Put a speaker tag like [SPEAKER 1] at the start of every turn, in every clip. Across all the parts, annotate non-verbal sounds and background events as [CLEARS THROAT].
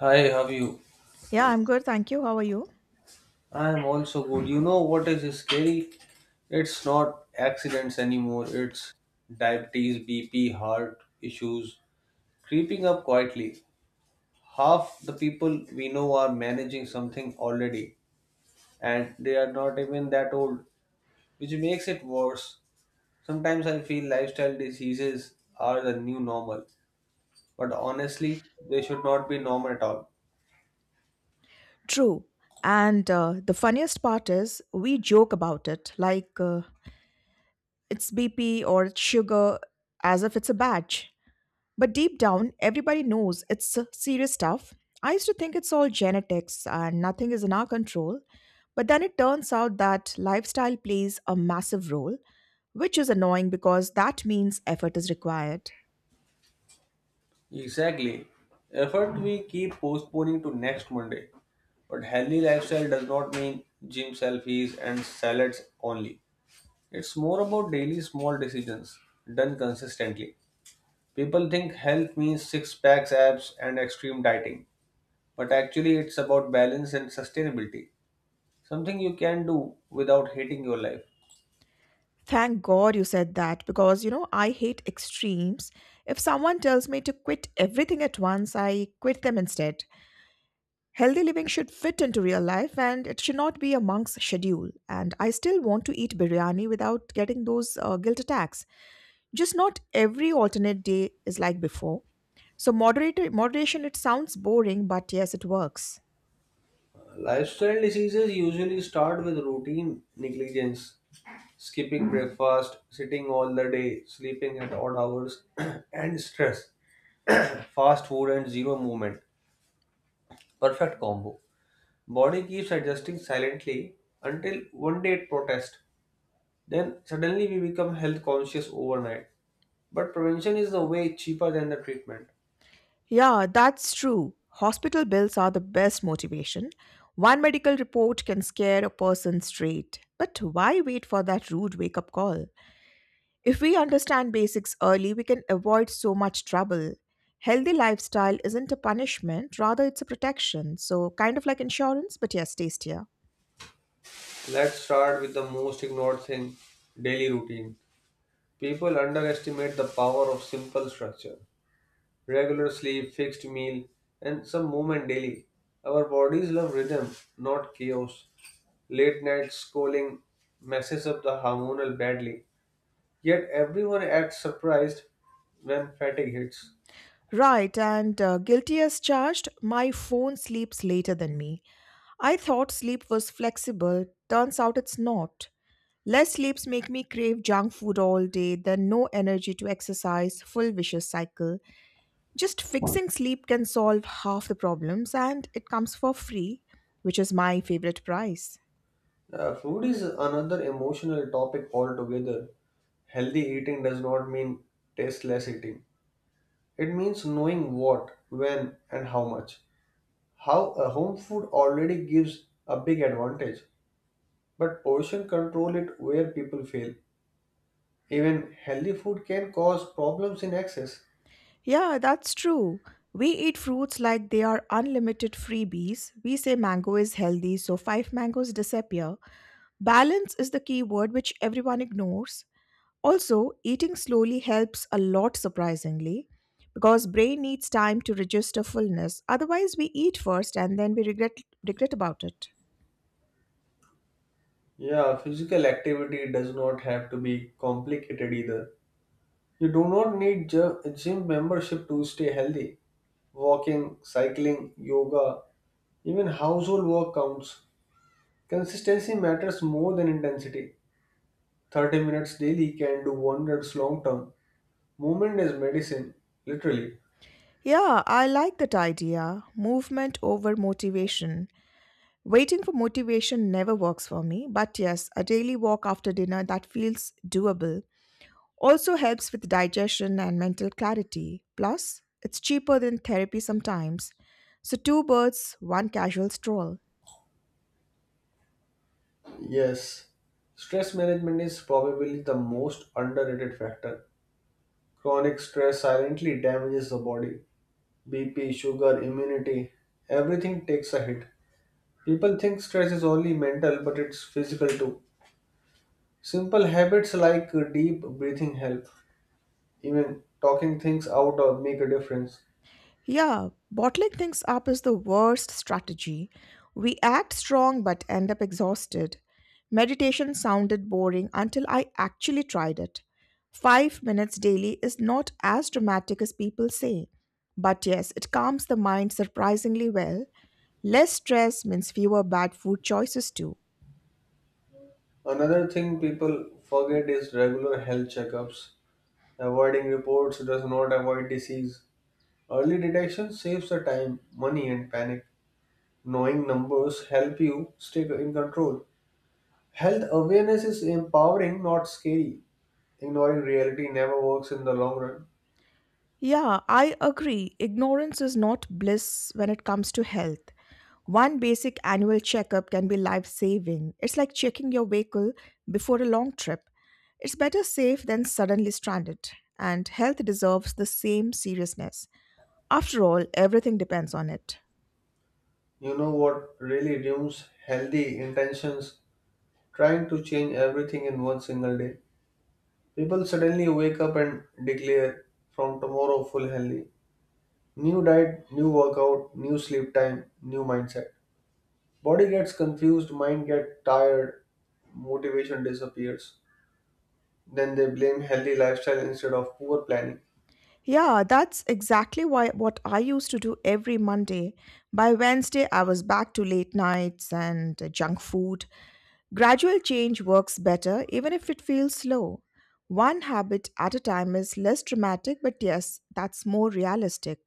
[SPEAKER 1] Hi, how are you?
[SPEAKER 2] Yeah, I'm good. Thank you. How are you?
[SPEAKER 1] I'm also good. You know what is scary? It's not accidents anymore. It's diabetes, BP, heart issues creeping up quietly. Half the people we know are managing something already, and they are not even that old, which makes it worse. Sometimes I feel lifestyle diseases are the new normal, but honestly, they should not be normal at all.
[SPEAKER 2] True. And the funniest part is we joke about it like it's BP or it's sugar as if it's a badge. But deep down, everybody knows it's serious stuff. I used to think it's all genetics and nothing is in our control. But then it turns out that lifestyle plays a massive role, which is annoying because that means effort is required.
[SPEAKER 1] Exactly. Effort we keep postponing to next Monday. But healthy lifestyle does not mean gym selfies and salads only. It's more about daily small decisions done consistently. People think health means six packs, abs, and extreme dieting. But actually, it's about balance and sustainability. Something you can do without hating your life.
[SPEAKER 2] Thank God you said that because you know I hate extremes. If someone tells me to quit everything at once, I quit them instead. Healthy living should fit into real life and it should not be a monk's schedule. And I still want to eat biryani without getting those guilt attacks. Just not every alternate day is like before. So moderator moderation, it sounds boring, but yes, it works.
[SPEAKER 1] Lifestyle diseases usually start with routine negligence skipping breakfast, sitting all the day, sleeping at odd hours, [CLEARS THROAT] and stress. Fast food and zero movement. Perfect combo. Body keeps adjusting silently until one day it protests. Then suddenly we become health conscious overnight. But prevention is the way cheaper than the treatment.
[SPEAKER 2] Yeah, that's true. Hospital bills are the best motivation. One medical report can scare a person straight. But why wait for that rude wake up call? If we understand basics early, we can avoid so much trouble. Healthy lifestyle isn't a punishment, rather, it's a protection. So, kind of like insurance, but yes, tastier.
[SPEAKER 1] Let's start with the most ignored thing daily routine. People underestimate the power of simple structure. Regular sleep, fixed meal, and some movement daily. Our bodies love rhythm, not chaos. Late night scrolling messes up the hormonal badly. Yet everyone acts surprised when fatigue hits.
[SPEAKER 2] Right, and guilty as charged, my phone sleeps later than me. I thought sleep was flexible, turns out it's not. Less sleeps make me crave junk food all day, then no energy to exercise, full vicious cycle. Just fixing sleep can solve half the problems and it comes for free, which is my favorite price.
[SPEAKER 1] Food is another emotional topic altogether. Healthy eating does not mean tasteless eating. It means knowing what, when, and how much. How a home food already gives a big advantage, but portion control it where people fail. Even healthy food can cause problems in excess.
[SPEAKER 2] Yeah, that's true. We eat fruits like they are unlimited freebies. We say mango is healthy, so five mangoes disappear. Balance is the key word which everyone ignores. Also, eating slowly helps a lot surprisingly because brain needs time to register fullness. Otherwise, we eat first and then we regret about it.
[SPEAKER 1] Yeah, physical activity does not have to be complicated either. You do not need gym membership to stay healthy. Walking, cycling, yoga, even household work counts. Consistency matters more than intensity. 30 minutes daily can do wonders long term. Movement is medicine, literally.
[SPEAKER 2] Yeah, I like that idea. Movement over motivation. Waiting for motivation never works for me, but yes, a daily walk after dinner that feels doable also helps with digestion and mental clarity. Plus, it's cheaper than therapy sometimes. So, two birds, one casual stroll.
[SPEAKER 1] Yes, stress management is probably the most underrated factor. Chronic stress silently damages the body. BP, sugar, immunity, everything takes a hit. People think stress is only mental, but it's physical too. Simple habits like deep breathing help. Even talking things out or make a difference.
[SPEAKER 2] Yeah, bottling things up is the worst strategy. We act strong but end up exhausted. Meditation sounded boring until I actually tried it. 5 minutes daily is not as dramatic as people say. But yes, it calms the mind surprisingly well. Less stress means fewer bad food choices too.
[SPEAKER 1] Another thing people forget is regular health checkups. Avoiding reports does not avoid disease. Early detection saves the time, money, and panic. Knowing numbers help you stay in control. Health awareness is empowering, not scary. Ignoring reality never works in the long run.
[SPEAKER 2] Yeah, I agree. Ignorance is not bliss when it comes to health. One basic annual checkup can be life saving. It's like checking your vehicle before a long trip. It's better safe than suddenly stranded, and health deserves the same seriousness. After all, everything depends on it.
[SPEAKER 1] You know what really ruins healthy intentions? Trying to change everything in one single day. People suddenly wake up and declare from tomorrow full healthy. New diet, new workout, new sleep time, new mindset. Body gets confused, mind gets tired, motivation disappears. Then they blame healthy lifestyle instead of poor planning.
[SPEAKER 2] Yeah, that's exactly why what I used to do every Monday. By Wednesday, I was back to late nights and junk food. Gradual change works better even if it feels slow. One habit at a time is less dramatic, but yes, that's more realistic,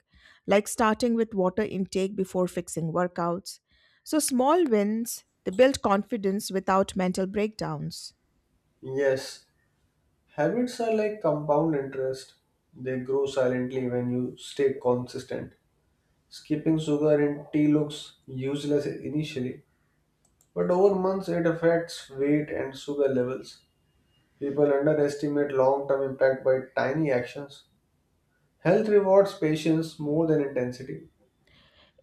[SPEAKER 2] like starting with water intake before fixing workouts. So, small wins, they build confidence without mental breakdowns.
[SPEAKER 1] Yes, habits are like compound interest. They grow silently when you stay consistent. Skipping sugar in tea looks useless initially, but over months it affects weight and sugar levels. People underestimate long term impact by tiny actions. Health rewards patience more than intensity.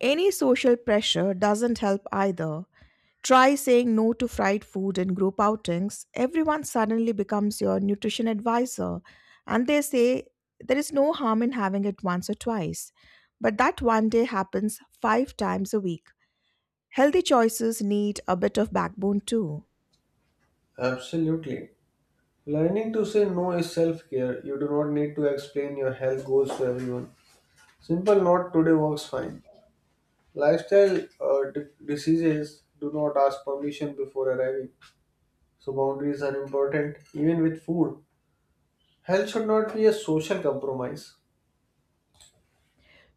[SPEAKER 2] Any social pressure doesn't help either. Try saying no to fried food in group outings. Everyone suddenly becomes your nutrition advisor, and they say there is no harm in having it once or twice. But that one day happens five times a week. Healthy choices need a bit of backbone too.
[SPEAKER 1] Absolutely. Learning to say no is self care. You do not need to explain your health goals to everyone. Simple not today works fine. Lifestyle diseases do not ask permission before arriving, so boundaries are important even with food. Health should not be a social compromise.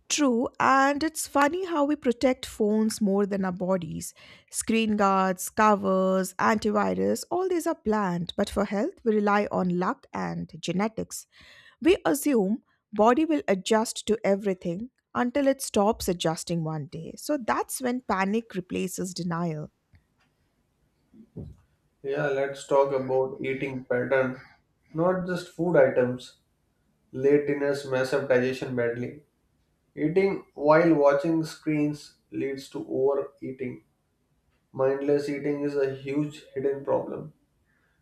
[SPEAKER 2] True, and it's funny how we protect phones more than our bodies. Screen guards, covers, antivirus, all these are planned, but for health, we rely on luck and genetics. We assume body will adjust to everything until it stops adjusting one day. So that's when panic replaces denial.
[SPEAKER 1] Yeah, let's talk about eating pattern, not just food items. Late dinners mess up digestion badly. Eating while watching screens leads to overeating. Mindless eating is a huge hidden problem.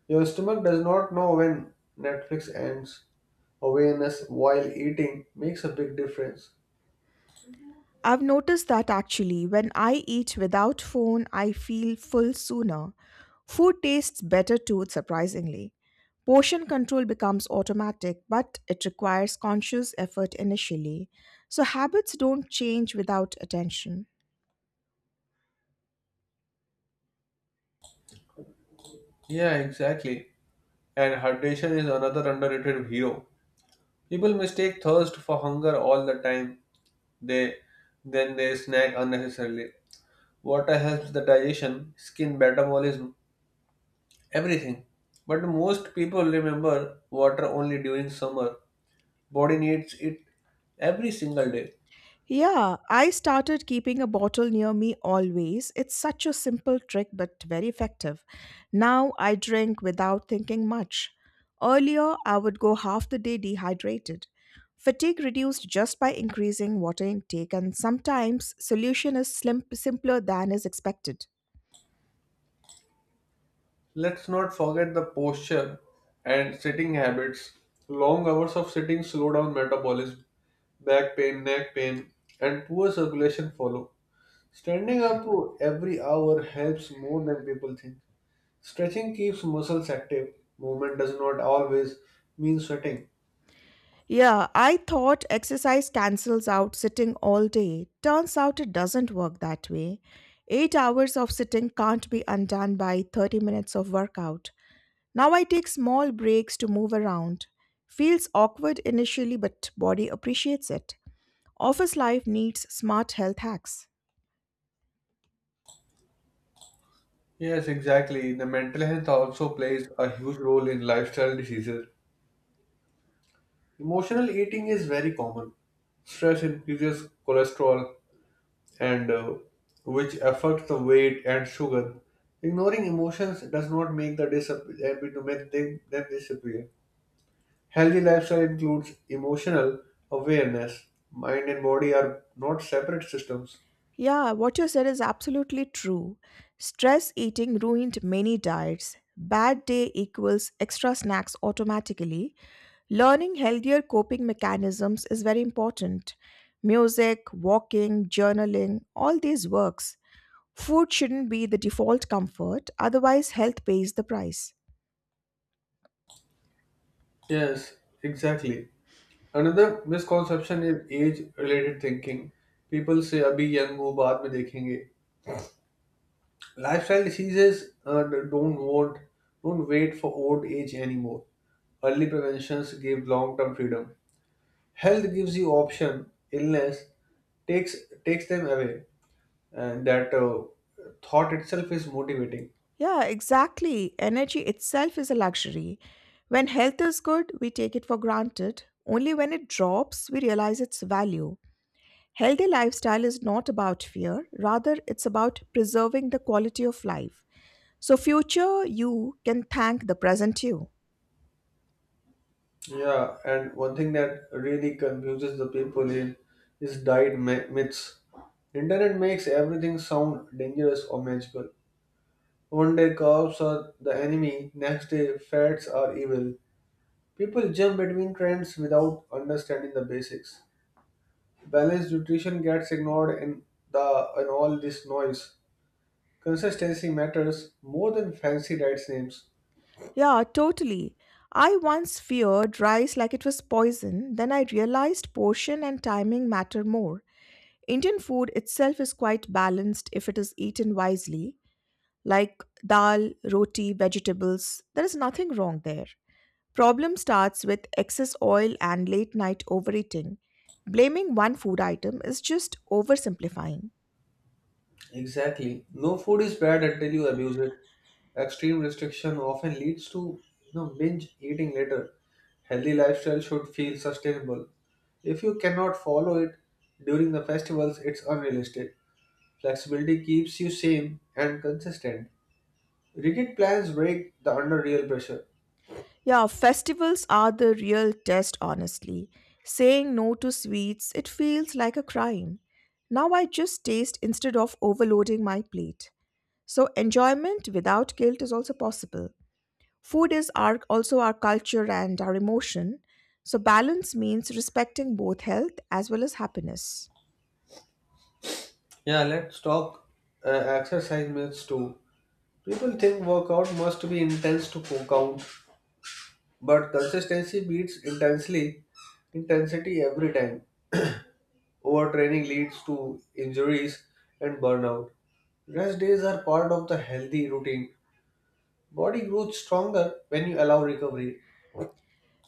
[SPEAKER 1] Your stomach does not know when Netflix ends. Awareness while eating makes a big difference.
[SPEAKER 2] I've noticed that actually when I eat without phone, I feel full sooner. Food tastes better too, surprisingly. Portion control becomes automatic, but it requires conscious effort initially. So habits don't change without attention.
[SPEAKER 1] Yeah, exactly. And hydration is another underrated hero. People mistake thirst for hunger all the time. They then they snack unnecessarily. Water helps the digestion, skin metabolism, everything. But most people remember water only during summer. Body needs it every single day.
[SPEAKER 2] Yeah, I started keeping a bottle near me always. It's such a simple trick but very effective. Now I drink without thinking much. Earlier, I would go half the day dehydrated. Fatigue reduced just by increasing water intake, and sometimes solution is simpler than is expected.
[SPEAKER 1] Let's not forget the posture and sitting habits. Long hours of sitting slow down metabolism, back pain, neck pain, and poor circulation follow. Standing up every hour helps more than people think. Stretching keeps muscles active. Movement does not always mean sweating.
[SPEAKER 2] Yeah, I thought exercise cancels out sitting all day. Turns out it doesn't work that way. 8 hours of sitting can't be undone by 30 minutes of workout. Now I take small breaks to move around. Feels awkward initially, but body appreciates it. Office life needs smart health hacks.
[SPEAKER 1] Yes, exactly. The mental health also plays a huge role in lifestyle diseases. Emotional eating is very common. Stress increases cholesterol, and which affect the weight and sugar. Ignoring emotions does not make them disappear. Healthy lifestyle includes emotional awareness. Mind and body are not separate systems.
[SPEAKER 2] Yeah, what you said is absolutely true. Stress eating ruined many diets. Bad day equals extra snacks automatically. Learning healthier coping mechanisms is very important. Music, walking, journaling, all these works. Food shouldn't be the default comfort, otherwise, health pays the price.
[SPEAKER 1] Yes, exactly. Another misconception is age-related thinking. People say अभी young हो बाद में देखेंगे. Lifestyle diseases don't wait for old age anymore. Early preventions give long-term freedom. Health gives you option, illness takes takes them away, and that thought itself is motivating.
[SPEAKER 2] Yeah, exactly. Energy itself is a luxury. When health is good, we take it for granted. Only when it drops, we realize its value. Healthy lifestyle is not about fear, rather, it's about preserving the quality of life. So, future you can thank the present you.
[SPEAKER 1] Yeah, and one thing that really confuses the people in is diet myths. Internet makes everything sound dangerous or magical. One day carbs are the enemy, next day fats are evil. People jump between trends without understanding the basics. Balanced nutrition gets ignored in the in all this noise. Consistency matters more than fancy diets names.
[SPEAKER 2] Yeah, totally. I once feared rice like it was poison, then I realized portion and timing matter more. Indian food itself is quite balanced if it is eaten wisely. Like dal, roti, vegetables, there is nothing wrong there. Problem starts with excess oil and late night overeating. Blaming one food item is just oversimplifying.
[SPEAKER 1] Exactly. No food is bad until you abuse it. Extreme restriction often leads to you know binge eating later. Healthy lifestyle should feel sustainable. If you cannot follow it during the festivals, it's unrealistic. Flexibility keeps you sane and consistent. Rigid plans break the under real pressure.
[SPEAKER 2] Yeah, festivals are the real test, honestly. Saying no to sweets, it feels like a crime. Now I just taste instead of overloading my plate. So enjoyment without guilt is also possible. Food is our also our culture and our emotion. So balance means respecting both health as well as happiness.
[SPEAKER 1] Yeah, let's talk exercise myths too. People think workout must be intense to count. But consistency beats intensely intensity every time. Overtraining leads to injuries and burnout. Rest days are part of the healthy routine. Body grows stronger when you allow recovery.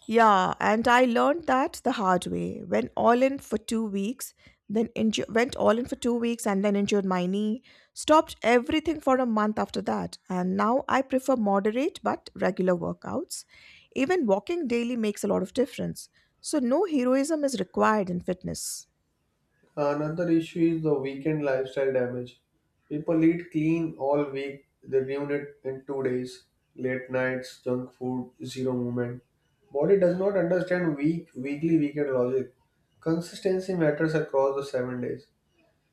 [SPEAKER 2] Yeah, and I learned that the hard way. Went all in for 2 weeks, went all in for 2 weeks and then injured my knee. Stopped everything for a month after that, and now I prefer moderate but regular workouts. Even walking daily makes a lot of difference. So no heroism is required in fitness.
[SPEAKER 1] Another issue is the weekend lifestyle damage. People eat clean all week, they ruin it in 2 days. Late nights, junk food, zero movement. Body does not understand weekly weekend logic. Consistency matters across the 7 days.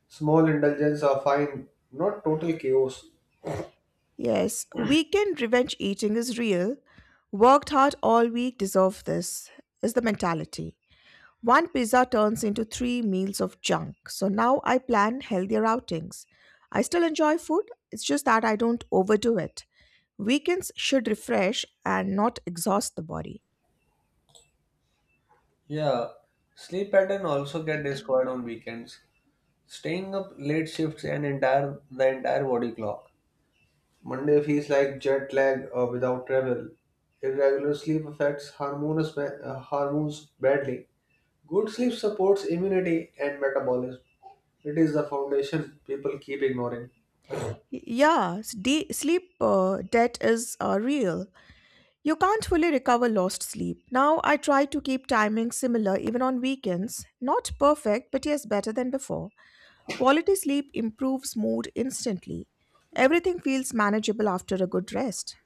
[SPEAKER 1] Small indulgences are fine, not total chaos.
[SPEAKER 2] Yes, weekend revenge eating is real. Worked hard all week, deserve this, is the mentality. One pizza turns into three meals of junk. So now I plan healthier outings. I still enjoy food, it's just that I don't overdo it. Weekends should refresh and not exhaust the body.
[SPEAKER 1] Yeah, sleep pattern also get destroyed on weekends. Staying up late shifts and entire the entire body clock. Monday feels like jet lag without travel. Irregular sleep affects hormones, hormones badly. Good sleep supports immunity and metabolism. It is the foundation people keep ignoring.
[SPEAKER 2] Yeah, sleep debt is real. You can't fully recover lost sleep. Now I try to keep timing similar even on weekends. Not perfect, but yes, better than before. Quality sleep improves mood instantly. Everything feels manageable after a good rest.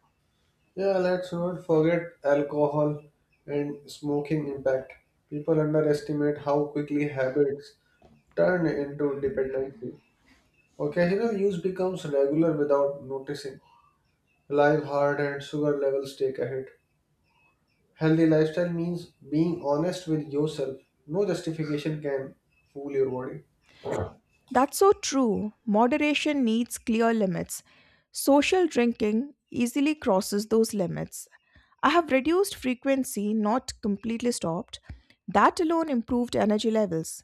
[SPEAKER 1] Yeah, let's not forget alcohol and smoking impact. People underestimate how quickly habits turn into dependency. Occasional use becomes regular without noticing. Live heart and sugar levels take a hit. Healthy lifestyle means being honest with yourself. No justification can fool your body.
[SPEAKER 2] That's so true. Moderation needs clear limits. Social drinking easily crosses those limits. I have reduced frequency, not completely stopped. That alone improved energy levels.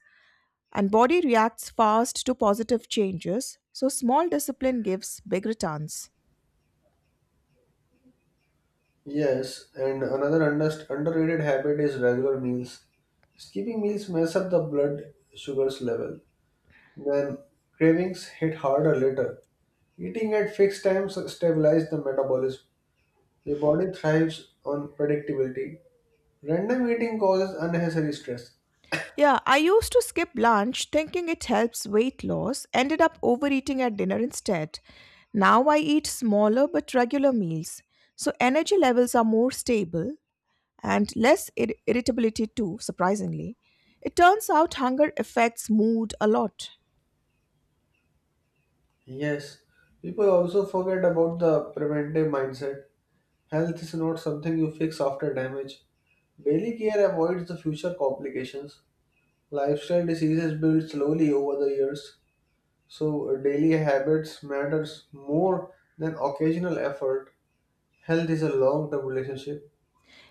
[SPEAKER 2] And body reacts fast to positive changes, so small discipline gives big returns.
[SPEAKER 1] Yes, and another underrated habit is regular meals. Skipping meals mess up the blood sugars level. When cravings hit harder later, eating at fixed times stabilizes the metabolism. The body thrives on predictability. Random eating causes unnecessary stress.
[SPEAKER 2] Yeah, I used to skip lunch thinking it helps weight loss, ended up overeating at dinner instead. Now I eat smaller but regular meals, so energy levels are more stable, and less irritability too surprisingly. It turns out hunger affects mood a lot.
[SPEAKER 1] Yes, people also forget about the preventive mindset. Health is not something you fix after damage. Daily care avoids the future complications. Lifestyle diseases build slowly over the years, so daily habits matters more than occasional effort. Health is a long-term relationship.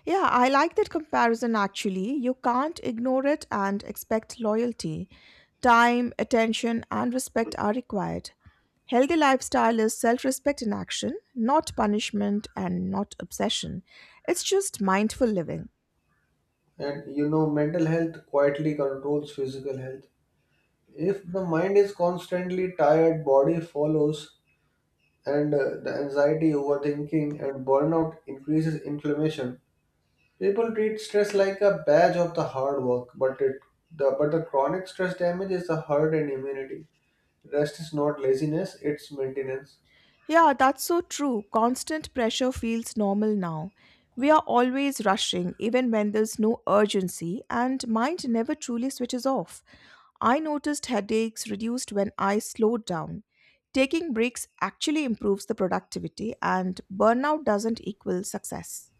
[SPEAKER 2] Yeah, I like that comparison actually. You can't ignore it and expect loyalty. Time, attention, and respect are required. Healthy lifestyle is self respect in action, not punishment and not obsession. It's just mindful living.
[SPEAKER 1] And you know, mental health quietly controls physical health. If the mind is constantly tired, body follows, and the anxiety, overthinking, and burnout increases inflammation. People treat stress like a badge of the hard work, but the chronic stress damages the heart and immunity. Rest is not laziness; it's maintenance.
[SPEAKER 2] Yeah, that's so true. Constant pressure feels normal now. We are always rushing, even when there's no urgency, and mind never truly switches off. I noticed headaches reduced when I slowed down. Taking breaks actually improves the productivity, and burnout doesn't equal success.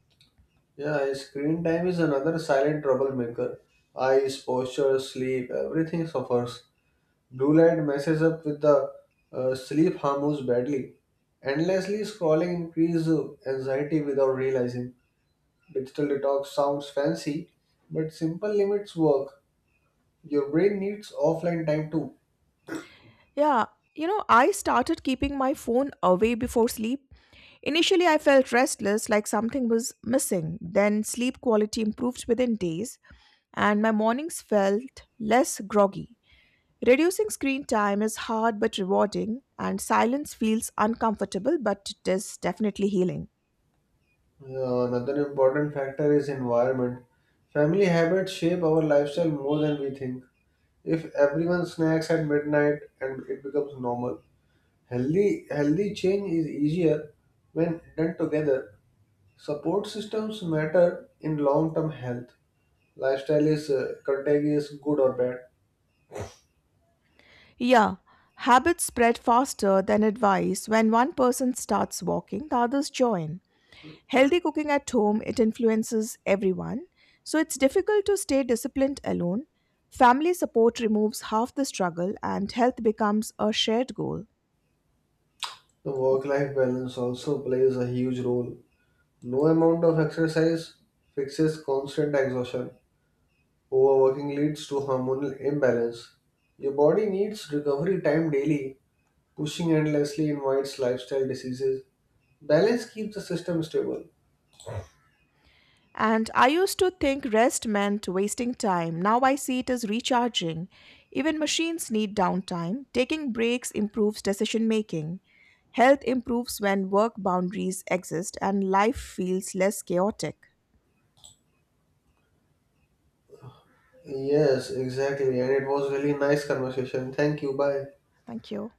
[SPEAKER 1] Yeah, screen time is another silent troublemaker. Eyes, posture, sleep, everything suffers. Blue light messes up with the sleep hormones badly. Endlessly scrolling increases anxiety without realizing. Digital detox sounds fancy, but simple limits work. Your brain needs offline time too.
[SPEAKER 2] Yeah, I started keeping my phone away before sleep. Initially, I felt restless, like something was missing. Then, sleep quality improved within days, and my mornings felt less groggy. Reducing screen time is hard but rewarding, and silence feels uncomfortable, but it is definitely healing.
[SPEAKER 1] Another important factor is environment. Family habits shape our lifestyle more than we think. If everyone snacks at midnight and it becomes normal, healthy change is easier when done together. Support systems matter in long term health. Lifestyle is contagious, good or bad.
[SPEAKER 2] Yeah, habits spread faster than advice. When one person starts walking, the others join. Healthy cooking at home, it influences everyone. So it's difficult to stay disciplined alone. Family support removes half the struggle and health becomes a shared goal.
[SPEAKER 1] The work life balance also plays a huge role. No amount of exercise fixes constant exhaustion. Overworking leads to hormonal imbalance. Your body needs recovery time daily. Pushing endlessly invites lifestyle diseases. Balance keeps the system stable.
[SPEAKER 2] And I used to think rest meant wasting time. Now I see it as recharging. Even machines need downtime. Taking breaks improves decision making. Health improves when work boundaries exist and life feels less chaotic.
[SPEAKER 1] Yes, exactly. And it was really nice conversation. Thank you. Bye.
[SPEAKER 2] Thank you.